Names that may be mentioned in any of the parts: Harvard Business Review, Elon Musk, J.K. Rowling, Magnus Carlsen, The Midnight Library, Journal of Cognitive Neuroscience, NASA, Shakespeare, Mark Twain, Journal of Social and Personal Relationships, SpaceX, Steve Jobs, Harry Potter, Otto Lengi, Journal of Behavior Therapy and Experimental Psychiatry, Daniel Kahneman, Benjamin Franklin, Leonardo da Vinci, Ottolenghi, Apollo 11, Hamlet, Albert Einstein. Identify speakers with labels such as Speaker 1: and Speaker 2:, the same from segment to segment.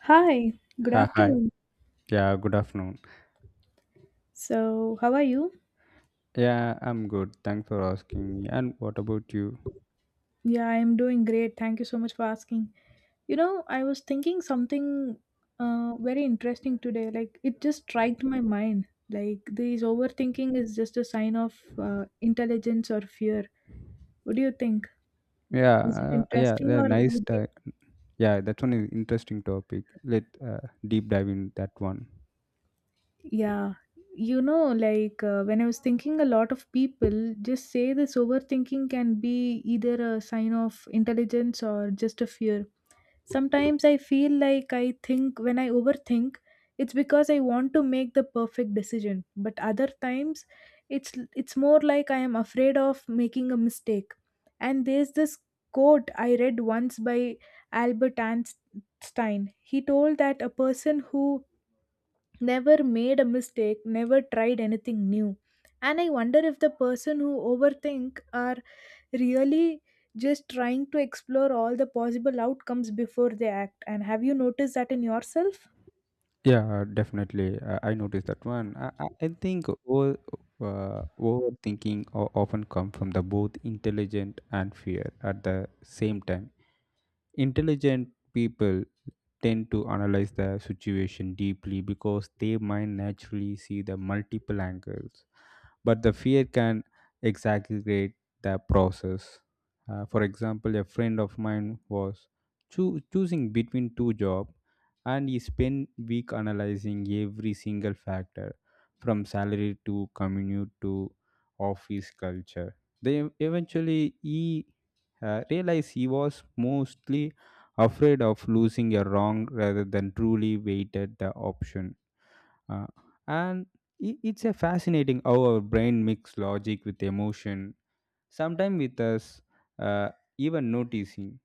Speaker 1: Hi, good
Speaker 2: Ha, hi.
Speaker 1: afternoon.
Speaker 2: Yeah, good afternoon.
Speaker 1: So, how are you?
Speaker 2: Yeah, I'm good. Thanks for asking me. And what about you?
Speaker 1: Yeah, I'm doing great. Thank you so much for asking. You know, I was thinking something very interesting today. Like, it just struck my mind. Like, this overthinking is just a sign of intelligence or fear. What do you think?
Speaker 2: Yeah,
Speaker 1: Is it
Speaker 2: yeah,
Speaker 1: interesting or would you?
Speaker 2: yeah, that's one is interesting topic. Let deep dive in that one.
Speaker 1: Yeah, like when I was thinking, a lot of people just say this overthinking can be either a sign of intelligence or just a fear. Sometimes I feel like I think when I overthink, it's because I want to make the perfect decision. But other times, it's more like I am afraid of making a mistake. And there's this quote I read once by Albert Einstein. He told that a person who never made a mistake never tried anything new. And I wonder if the person who overthink are really just trying to explore all the possible outcomes before they act. And have you noticed that in yourself?
Speaker 2: Yeah, definitely. I noticed that one. I think overthinking often come from the both intelligent and fear at the same time. Intelligent people tend to analyze the situation deeply because their mind naturally see the multiple angles, but the fear can exaggerate the process. For example, a friend of mine was choosing between two jobs, and he spent week analyzing every single factor from salary to commute to office culture. They eventually he realized he was mostly afraid of losing a wrong rather than truly weighted the option. Uh, and it's a fascinating how our brain mix logic with emotion, sometimes with us uh, even noticing.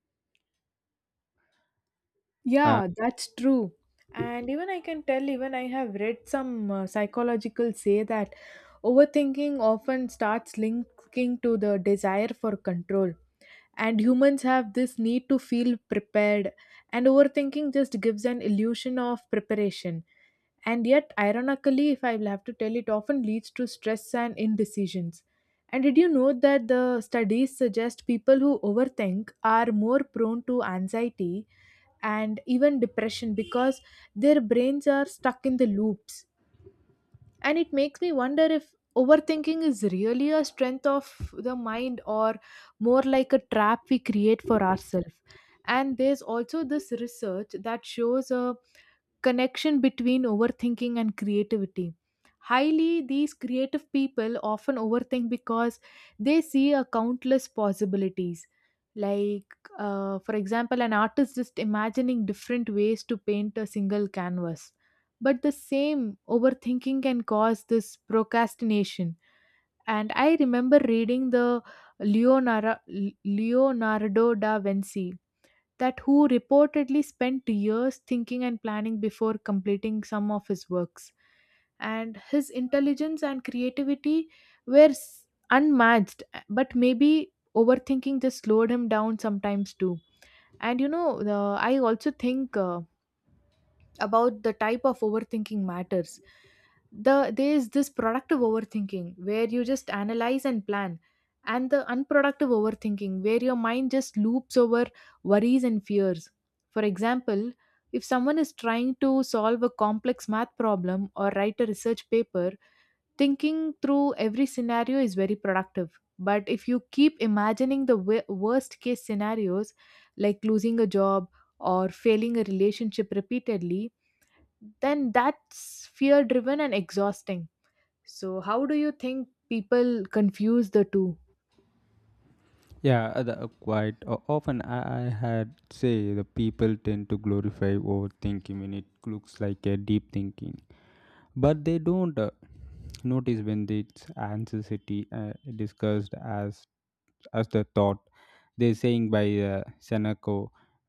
Speaker 2: Uh,
Speaker 1: Yeah, that's true. And even I can tell, even I have read some psychological say that overthinking often starts linking to the desire for control. And humans have this need to feel prepared, and overthinking just gives an illusion of preparation. And yet, ironically, if I will have to tell, it often leads to stress and indecisions. And did you know that the studies suggest people who overthink are more prone to anxiety and even depression because their brains are stuck in the loops? And it makes me wonder if overthinking is really a strength of the mind or more like a trap we create for ourselves. And there's also this research that shows a connection between overthinking and creativity. Highly, these creative people often overthink because they see a countless possibilities, like, for example, an artist just imagining different ways to paint a single canvas, but the same overthinking can cause this procrastination. And I remember reading the Leonardo, Leonardo da Vinci that who reportedly spent years thinking and planning before completing some of his works, and his intelligence and creativity were unmatched, but maybe overthinking just slowed him down sometimes too. And I also think about the type of overthinking matters. There is this productive overthinking where you just analyze and plan, and the unproductive overthinking where your mind just loops over worries and fears. For example, if someone is trying to solve a complex math problem or write a research paper, thinking through every scenario is very productive, but if you keep imagining the worst case scenarios, like losing a job or failing a relationship repeatedly, then that's fear driven and exhausting. So, how do you think people confuse the two?
Speaker 2: yeah, quite often I had say the people tend to glorify overthinking when it looks like a deep thinking, but they don't notice when its anxiety discussed as the thought. They saying by Seneca,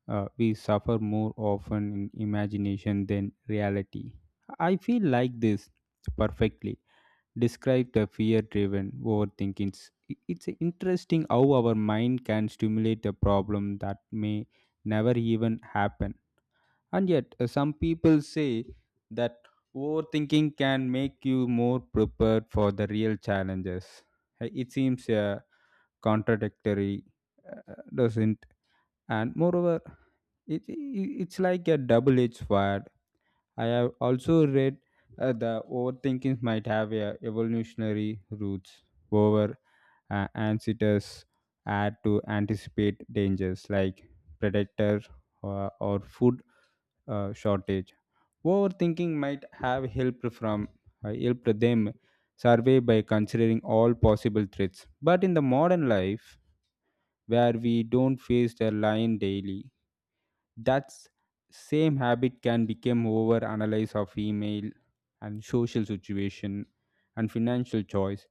Speaker 2: we suffer more often in imagination than reality. I feel like this perfectly describe the fear-driven overthinking. It's interesting how our mind can stimulate a problem that may never even happen. And yet, some people say that overthinking can make you more prepared for the real challenges. It seems contradictory, doesn't. And moreover, it's like a double-edged sword. I have also read the overthinking might have a evolutionary roots. Over ancestors had to anticipate dangers like predator or food shortage. Overthinking might have helped them survey by considering all possible threats. But in the modern life, where we don't face the line daily. That same habit can become over analyze of email and social situation and financial choice.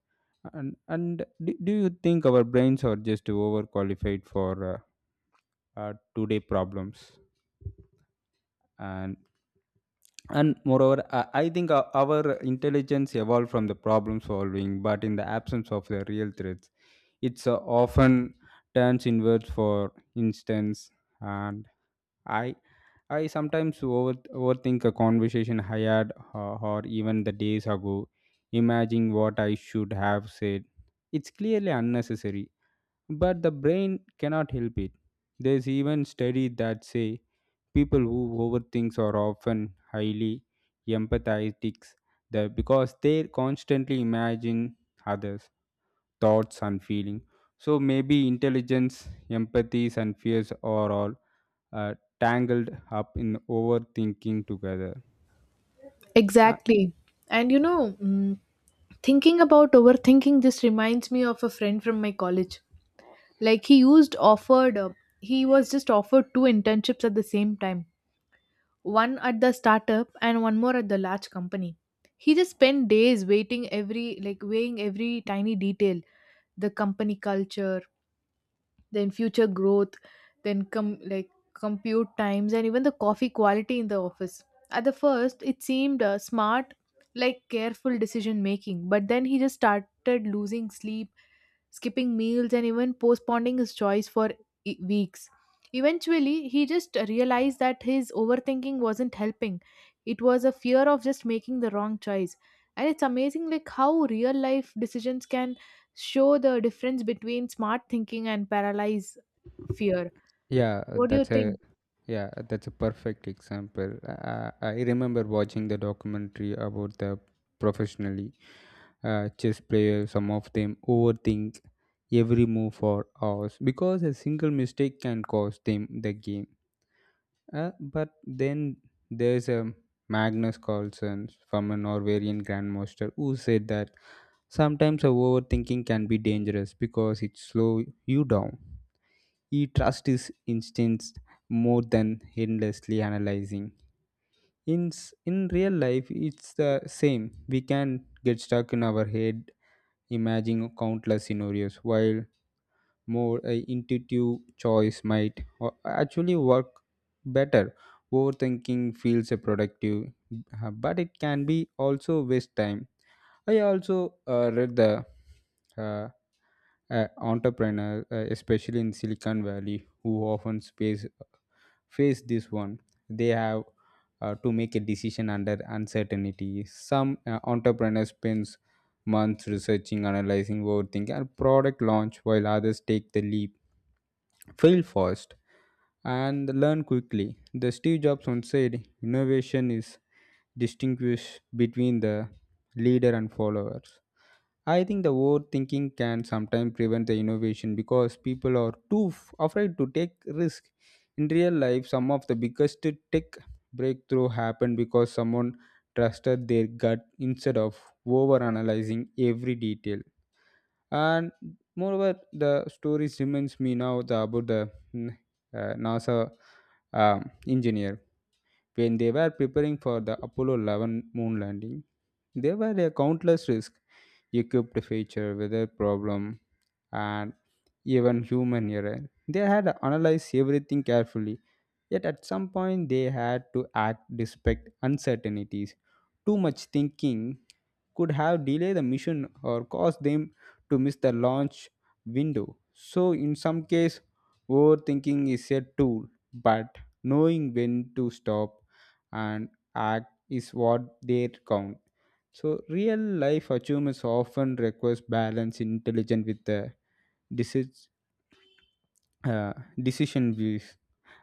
Speaker 2: Do you think our brains are just overqualified for today problems? And and moreover, I think our intelligence evolved from the problem solving, but in the absence of the real threats, it's often turns inwards for instance. And i I sometimes overthink a conversation I had or even the days ago, imagining what I should have said. It's clearly unnecessary, but the brain cannot help it. There's even studies that say people who overthink are often highly empathetic, because they constantly imagine others thoughts and feeling, so maybe intelligence empathies and fears are all uh, tangled up in overthinking together. Uh,
Speaker 1: Exactly. And thinking about overthinking just reminds me of a friend from my college. Like, he was just offered two internships at the same time, one at the startup and one more at the large company. He just spent days like, weighing every tiny detail, the company culture, then future growth, then com like compute times, and even the coffee quality in the office. At the first it seemed smart, like careful decision making, but then he just started losing sleep, skipping meals, and even postponing his choice for weeks. Eventually he just realized that his overthinking wasn't helping, it was a fear of just making the wrong choice. And it's amazing, like, how real life decisions can show the difference between smart thinking and paralyzed fear.
Speaker 2: yeah
Speaker 1: What do you
Speaker 2: that's a
Speaker 1: think?
Speaker 2: yeah, that's a perfect example. I remember watching the documentary about the professionally chess players. Some of them overthink every move for hours because a single mistake can cost them the game. But then there's a Magnus Carlsen from a Norwegian grandmaster who said that sometimes our overthinking can be dangerous because it slows you down. He trusts his instincts more than endlessly analyzing. In real life, it's the same. We can get stuck in our head, imagining countless scenarios while more intuitive choice might actually work better. Overthinking feels productive, but it can be also waste time. I also read the uh, entrepreneur, especially in Silicon Valley, who often face this one. They have to make a decision under uncertainty. Some entrepreneurs spends months researching, analyzing, overthinking, and product launch, while others take the leap, fail first, and learn quickly. The Steve Jobs once said, "Innovation is distinguished between the leader and followers." I think the overthinking can sometimes prevent the innovation because people are too afraid to take risk. In real life, some of the biggest tech breakthrough happened because someone trusted their gut instead of overanalyzing every detail. And moreover, the stories reminds me about the NASA engineer when they were preparing for the Apollo 11 moon landing. There were a countless risks equipped feature, weather problem, and even human error. They had analyzed everything carefully, yet at some point they had to act despite uncertainties. Too much thinking could have delayed the mission or caused them to miss the launch window. So, in some case, overthinking is a tool, but knowing when to stop and act is what they count. So, real life achievements often requires balance, intelligence with the deci- decision views.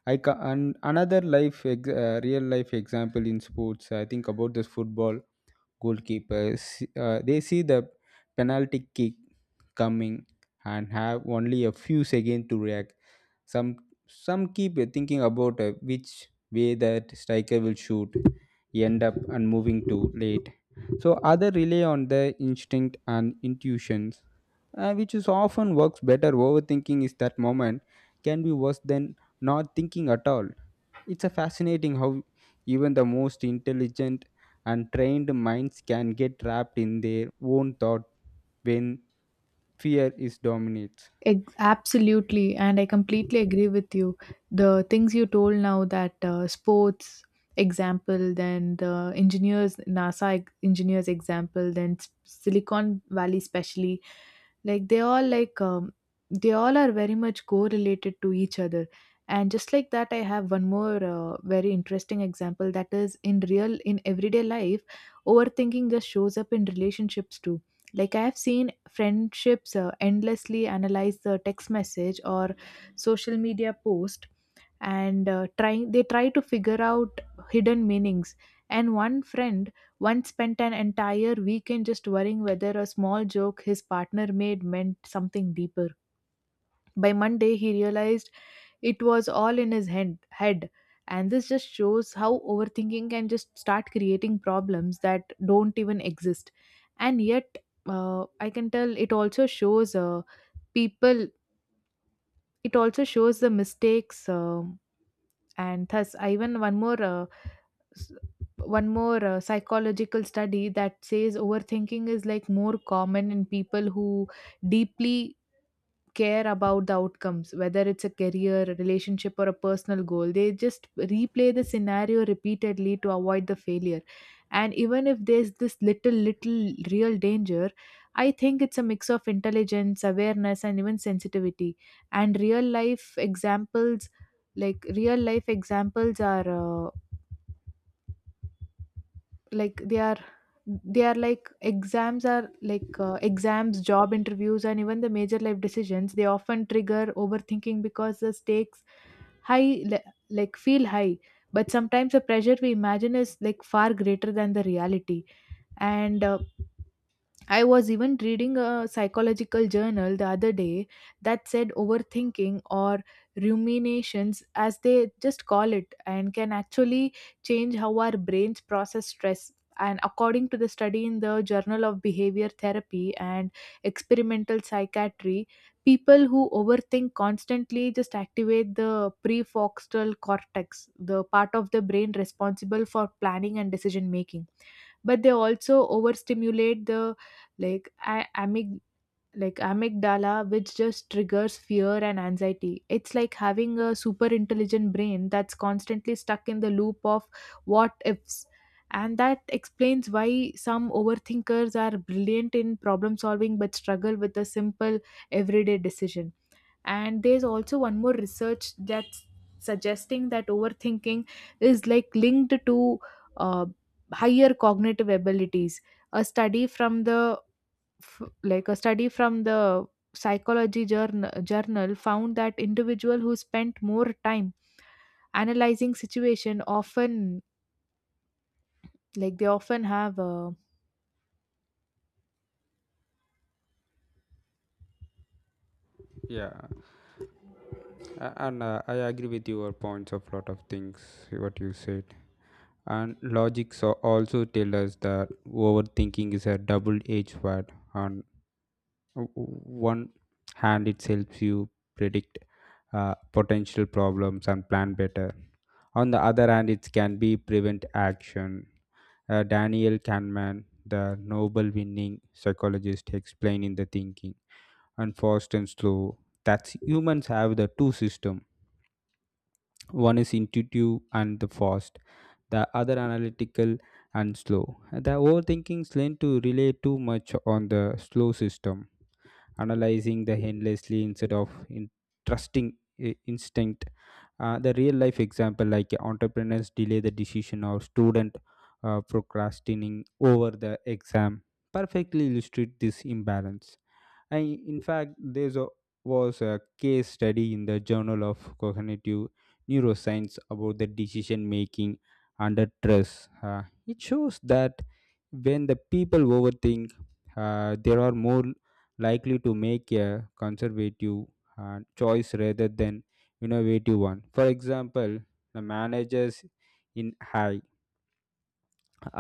Speaker 2: And another real life example in sports. I think about this football goalkeepers. They see the penalty kick coming and have only a few seconds to react. Some some keep thinking about which way that striker will shoot end up and moving too late, so other rely on their instinct and intuitions, which is often works better. Overthinking is that moment can be worse than not thinking at all. It's a fascinating how even the most intelligent and trained minds can get trapped in their own thought when fear is dominates.
Speaker 1: Absolutely, and I completely agree with you. The things you told now, that sports example, then the engineers, NASA engineers example, then Silicon Valley, especially, like they all like um, they all are very much correlated to each other. And just like that, I have one more very interesting example, that is in everyday life, overthinking just shows up in relationships too, like I have seen friendships endlessly analyze the text message or social media post, and try they try to figure out hidden meanings. And one friend once spent an entire weekend just worrying whether a small joke his partner made meant something deeper. By Monday, he realized it was all in his head. And this just shows how overthinking can just start creating problems that don't even exist. And yet, I can tell people, it also shows the mistakes. And thus, I even one more s- one more psychological study that says overthinking is like more common in people who deeply care about the outcomes, whether it's a career, a relationship, or a personal goal. They just replay the scenario repeatedly to avoid the failure. And even if there's this little real danger, I think it's a mix of intelligence, awareness, and even sensitivity. And real life examples, are like they are like exams, are like exams, job interviews, and even the major life decisions, they often trigger overthinking because the stakes high like feel high, but sometimes the pressure we imagine is like far greater than the reality. And I was even reading a psychological journal the other day that said overthinking, or ruminations, as they just call it, and can actually change how our brains process stress. And according to the study in the Journal of Behavior Therapy and Experimental Psychiatry, people who overthink constantly just activate the prefrontal cortex, the part of the brain responsible for planning and decision making, but they also overstimulate the like I, amyg- like amygdala, which just triggers fear and anxiety. It's like having a super intelligent brain that's constantly stuck in the loop of what ifs, and that explains why some overthinkers are brilliant in problem solving but struggle with a simple everyday decision. And there's also one more research that's suggesting that overthinking is like linked to uh, higher cognitive abilities. a study from the a study from the psychology journal found that individual who spent more time analyzing situation often, like, they often have a
Speaker 2: Yeah, A- and I agree with your points of lot of things what you said. And logic so also tell us that overthinking is a double-edged sword. O- o- one hand, it helps you predict potential problems and plan better. On the other hand, it can be prevent action. Daniel Kahneman, the Nobel winning psychologist, explained in the thinking and fast and slow that humans have the two system. One is intuitive and the fast, the other analytical and slow. The overthinkings learn to rely too much on the slow system, analyzing the endlessly instead of trusting instinct. The real life example like entrepreneurs delay the decision or student procrastinating over the exam perfectly illustrate this imbalance. And in fact, there was a case study in the Journal of Cognitive Neuroscience about the decision making under stress. It shows that when the people overthink, they are more likely to make a conservative choice rather than innovative one. For example, the managers in high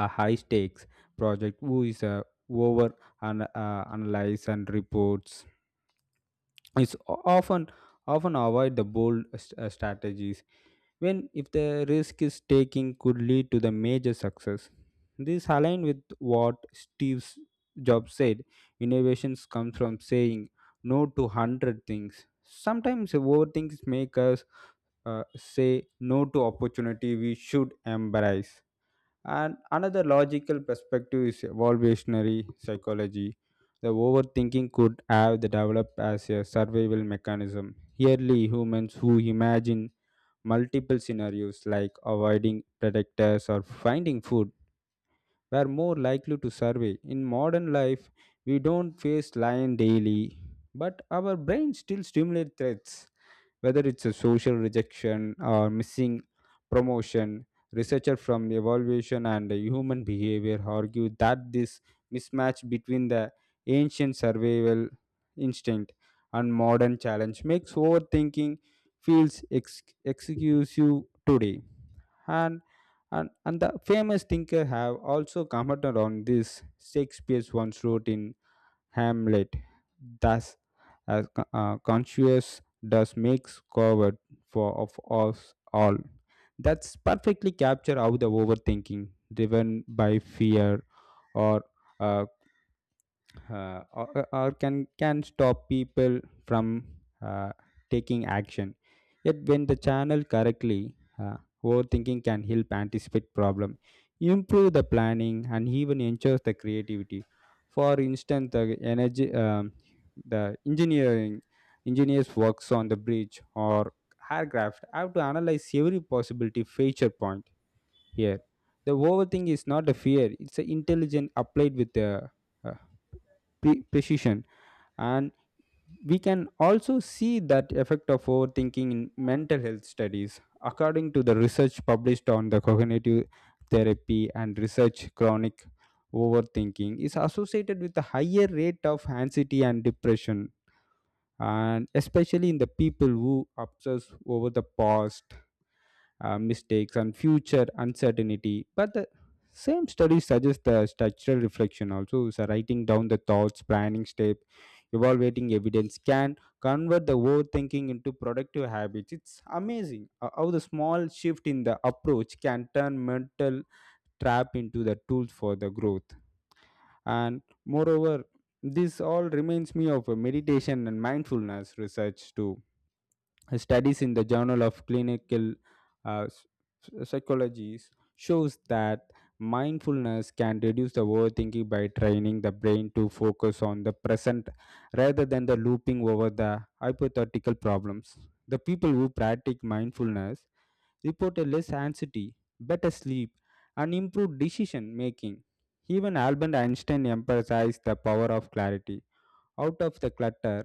Speaker 2: a high stakes project who is over analyze and reports, it's often avoid the bold strategies when if the risk is taking could lead to the major success. This aligns with what Steve Jobs said: innovations come from saying no to 100 things. Sometimes overthings make us uh, say no to opportunity we should embrace. And another logical perspective is evolutionary psychology. The overthinking could have the developed as a survival mechanism. Early humans who imagine multiple scenarios like avoiding predators or finding food were more likely to survey. In modern life, we don't face lion daily, but our brains still stimulate threats, whether it's a social rejection or missing promotion. Researchers from evaluation and human behavior argue that this mismatch between the ancient survival instinct and modern challenge makes overthinking feels exclusive today. And and, and the famous thinker have also commented on this. Shakespeare once wrote in Hamlet. Thus, as conscious does makes covered for of us all. That's perfectly capture how the overthinking driven by fear or uh, or can stop people from uh, taking action. Yet when the channel correctly, overthinking can help anticipate problem, improve the planning, and even ensures the creativity. For instance, the energy the engineering engineers works on the bridge or aircraft have to analyze every possibility feature point here. The overthink is not a fear, it's an intelligent applied with the uh, precision. And we can also see that effect of overthinking in mental health studies. According to the research published on the cognitive therapy and research, chronic overthinking is associated with a higher rate of anxiety and depression, and especially in the people who obsess over the past mistakes and future uncertainty. But the same study suggests the structural reflection also. So writing down the thoughts, planning step, evaluating evidence can convert the overthinking into productive habits. It's amazing how the small shift in the approach can turn mental trap into the tools for the growth. And moreover, this all reminds me of a meditation and mindfulness research too. Studies in the Journal of Clinical uh, s- Psychology shows that mindfulness can reduce the overthinking by training the brain to focus on the present rather than the looping over the hypothetical problems. The people who practice mindfulness report a less anxiety, better sleep, and improved decision making. Even Albert Einstein emphasized the power of clarity: out of the clutter,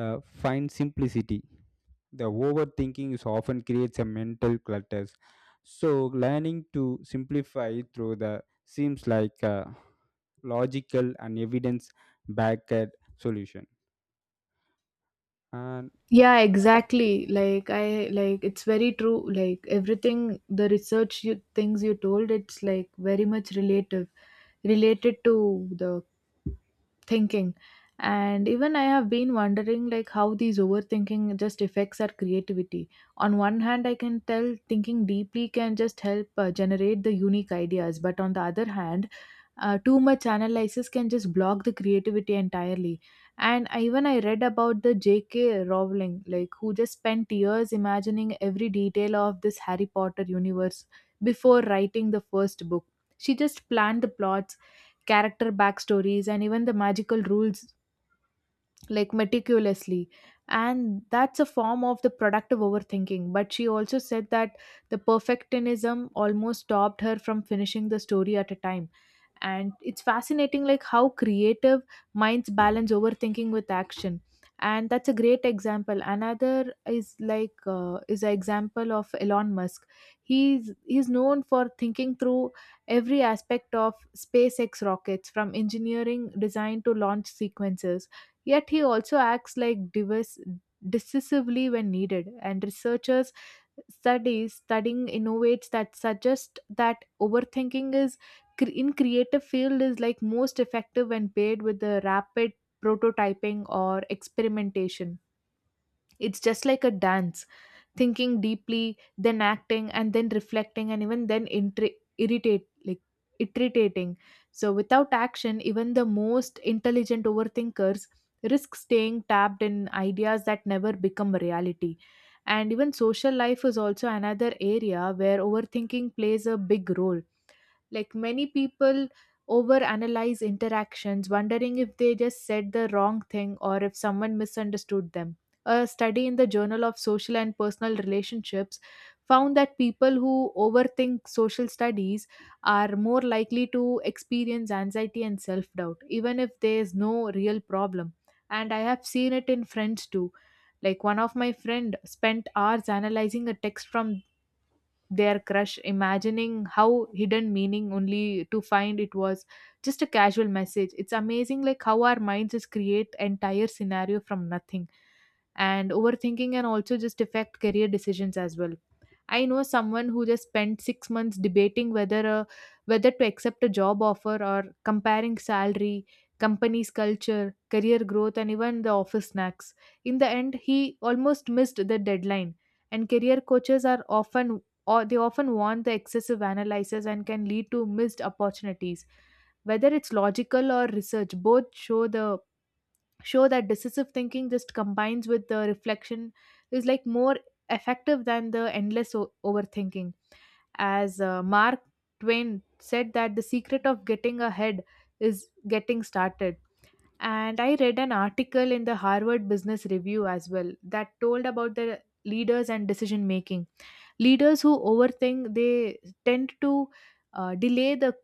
Speaker 2: find simplicity. The overthinking is often creates a mental clutters, so learning to simplify through the seems like a logical and evidence backed solution. And
Speaker 1: yeah, exactly. Like I like it's very true, like everything, the research, you things you told, it's like very much relative related to the thinking. And even I have been wondering, like, how these overthinking just affects our creativity. On one hand, I can tell thinking deeply can just help generate the unique ideas, but on the other hand, too much analysis can just block the creativity entirely. And even I read about the JK Rowling, like, who just spent years imagining every detail of this Harry Potter universe before writing the first book. She just planned the plots, character backstories, and even the magical rules, like, meticulously, and that's a form of the productive overthinking. But she also said that the perfectionism almost stopped her from finishing the story at a time. And it's fascinating, like, how creative minds balance overthinking with action. And that's a great example. Another is, is an example of Elon Musk. He's known for thinking through every aspect of SpaceX rockets, from engineering design to launch sequences, yet he also acts, like, diverse decisively when needed. And researchers studies studying innovates that suggest that overthinking is in creative field is like most effective when paired with the rapid prototyping or experimentation. It's just like a dance, thinking deeply, then acting, and then reflecting, and even then irritate like irritating. So without action, even the most intelligent overthinkers risk staying tapped in ideas that never become reality. And even social life is also another area where overthinking plays a big role, like many people overanalyze interactions, wondering if they just said the wrong thing or if someone misunderstood them. A study in the Journal of Social and Personal Relationships found that people who overthink social studies are more likely to experience anxiety and self doubt, even if there is no real problem. And I have seen it in friends too. Like, one of my friend spent hours analyzing a text from their crush, imagining how hidden meaning, only to find it was just a casual message. It's amazing, like, how our minds just create entire scenario from nothing. And overthinking can also just affect career decisions as well. I know someone who just spent 6 months debating whether to accept a job offer, or comparing salary, company's culture, career growth, and even the office snacks. In the end, he almost missed the deadline. And career coaches are often or they often want the excessive analysis, and can lead to missed opportunities. Whether it's logical or research, both show the show that decisive thinking just combines with the reflection is like more effective than the endless overthinking as Mark Twain said that the secret of getting ahead is getting started. And I read an article in the Harvard Business Review as well that told about the leaders and decision making. Leaders who overthink they tend to delay the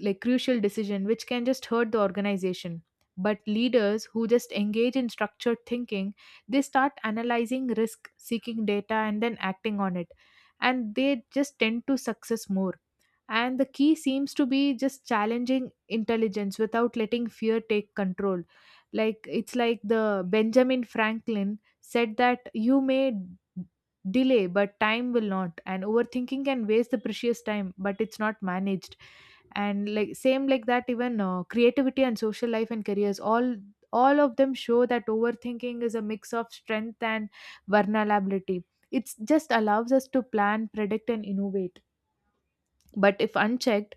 Speaker 1: like crucial decision which can just hurt the organization. But leaders who just engage in structured thinking, they start analyzing risk, seeking data and then acting on it. And they just tend to success more. And the key seems to be just challenging intelligence without letting fear take control. Like it's like the Benjamin Franklin said that you may delay but time will not, and overthinking can waste the precious time but it's not managed. And like same like that, even creativity and social life and careers all of them show that overthinking is a mix of strength and vulnerability. It just allows us to plan predict and innovate, but if unchecked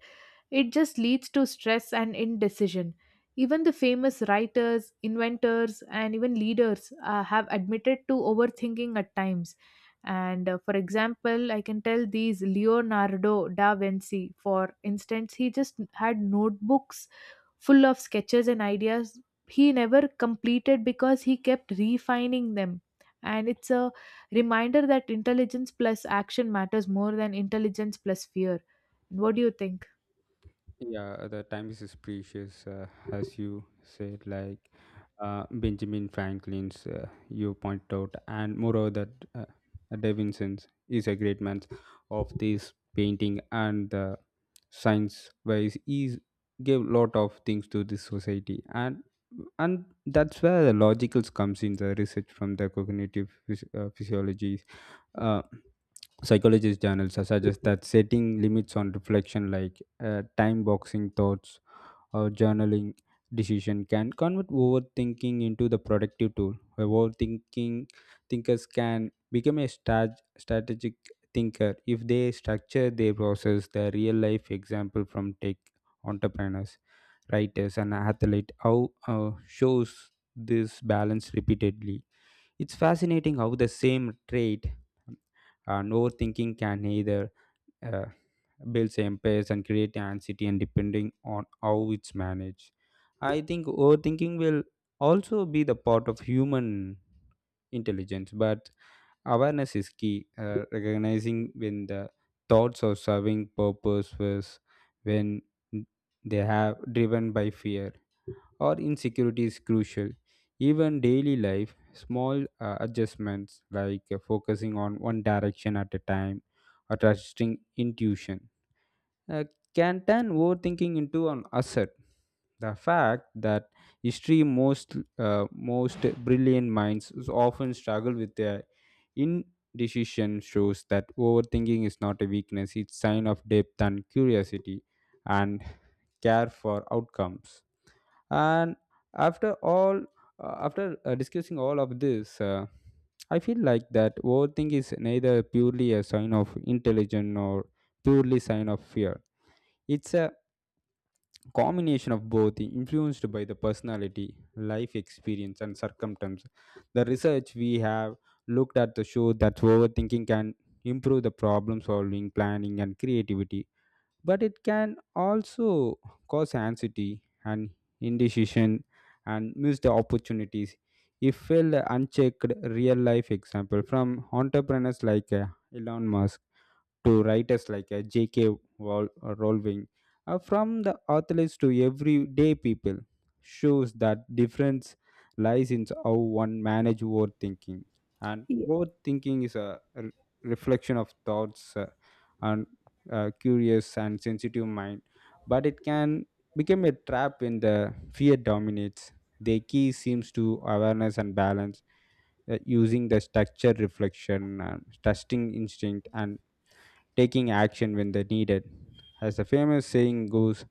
Speaker 1: it just leads to stress and indecision. Even the famous writers, inventors, and even leaders have admitted to overthinking at times. And for example, I can tell these Leonardo da Vinci, for instance, he just had notebooks full of sketches and ideas he never completed because he kept refining them. And it's a reminder that intelligence plus action matters more than intelligence plus fear. What do you think?
Speaker 2: yeah, the time is precious, as you said, Benjamin Franklin's you point out. And moreover, that Davinson's is a great man of this painting and the science wise, is gave lot of things to this society. And that's where the logicals comes in. The research from the cognitive physiologies uh, psychologist journals suggest that setting limits on reflection like time boxing thoughts or journaling decision can convert overthinking into the productive tool. Overthinking thinkers can become a strategic thinker if they structure their process. The real life example from tech entrepreneurs, writers, and athletes how shows this balance repeatedly. It's fascinating how the same trait and overthinking can either uh, builds empires and create anxiety, and depending on how it's managed, I think overthinking will also be the part of human intelligence. But awareness is key, recognizing when the thoughts are serving purpose was when they have driven by fear or insecurity is crucial. Even daily life small adjustments like focusing on one direction at a time or trusting intuition uh, can turn overthinking into an asset. The fact that history most brilliant minds often struggle with their indecision shows that overthinking is not a weakness; it's sign of depth and curiosity and care for outcomes. And after all, after discussing all of this, I feel like that overthink is neither purely a sign of intelligence nor purely sign of fear. It's a combination of both, influenced by the personality life experience and circumstance. The research we have looked at the show that overthinking can improve the problem solving, planning, and creativity, but it can also cause anxiety and indecision and missed opportunities if held unchecked. Real life example from entrepreneurs like Elon Musk to writers like J.K. Rowling, from the athletes to everyday people, shows that difference lies in how one manage overthinking. And overthinking is a reflection of thoughts, and curious and sensitive mind, but it can become a trap when the fear dominates. The key seems to awareness and balance, using the structure reflection, and trusting instinct, and taking action when they're needed. As the famous saying goes,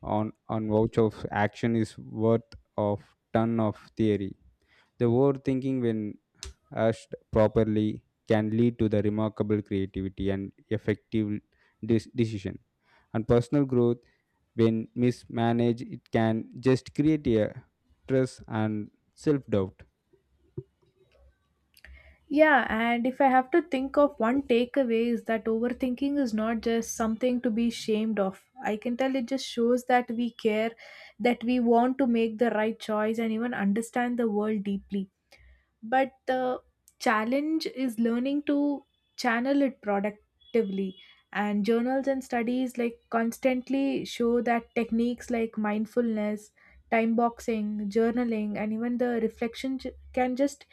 Speaker 2: on vouch of action is worth of ton of theory. The overthinking when asked properly can lead to the remarkable creativity and effective decision. And personal growth, when mismanaged, it can just create a stress and self-doubt.
Speaker 1: Yeah, and if I have to think of one takeaway is that overthinking is not just something to be ashamed of. I can tell it just shows that we care, that we want to make the right choice and even understand the world deeply. But the challenge is learning to channel it productively. And journals and studies like constantly show that techniques like mindfulness, time boxing, journaling, and even the reflection can just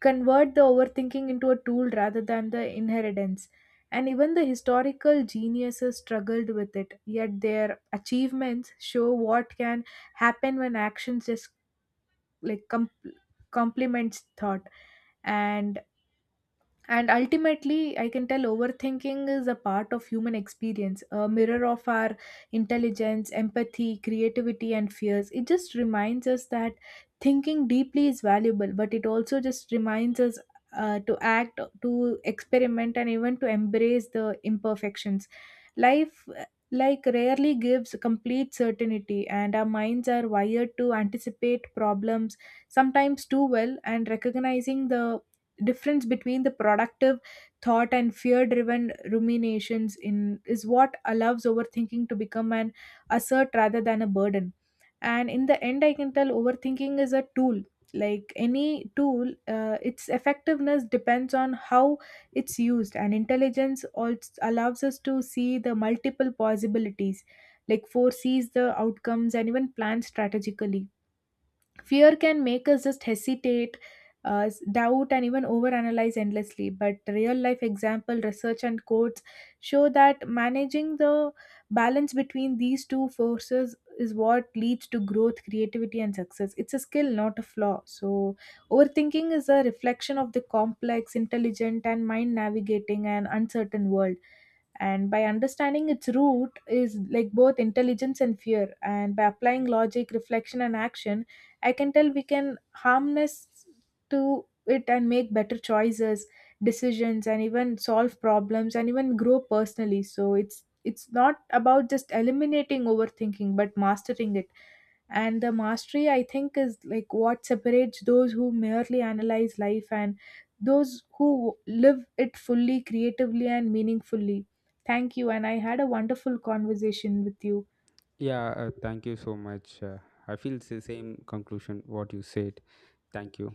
Speaker 1: convert the overthinking into a tool rather than the inheritance. And even the historical geniuses struggled with it, yet their achievements show what can happen when actions just like complements thought. And and ultimately, I can tell overthinking is a part of human experience, a mirror of our intelligence, empathy, creativity, and fears. It just reminds us that thinking deeply is valuable, but it also just reminds us to act, to experiment, and even to embrace the imperfections. Life, like, rarely gives complete certainty, and our minds are wired to anticipate problems sometimes too well, and recognizing the difference between the productive thought and fear driven ruminations in is what allows overthinking to become an asset rather than a burden. And in the end I can tell overthinking is a tool. Like any tool, its effectiveness depends on how it's used, and intelligence also allows us to see the multiple possibilities, like foresees the outcomes and even plans strategically. Fear can make us just hesitate, doubt, and even overanalyze endlessly. But real life example, research, and quotes show that managing the balance between these two forces is what leads to growth, creativity, and success. It's a skill, not a flaw. So, overthinking is a reflection of the complex, intelligent, and mind navigating and uncertain world, and by understanding its root is like both intelligence and fear, and by applying logic reflection and action, I can tell we can harness to it and make better choices, decisions, and even solve problems and even grow personally. So it's not about just eliminating overthinking, but mastering it. And the mastery, I think, is like what separates those who merely analyze life and those who live it fully, creatively, and meaningfully. Thank you. And I had a wonderful conversation with you.
Speaker 2: Yeah, thank you so much. I feel it's the same conclusion what you said. Thank you.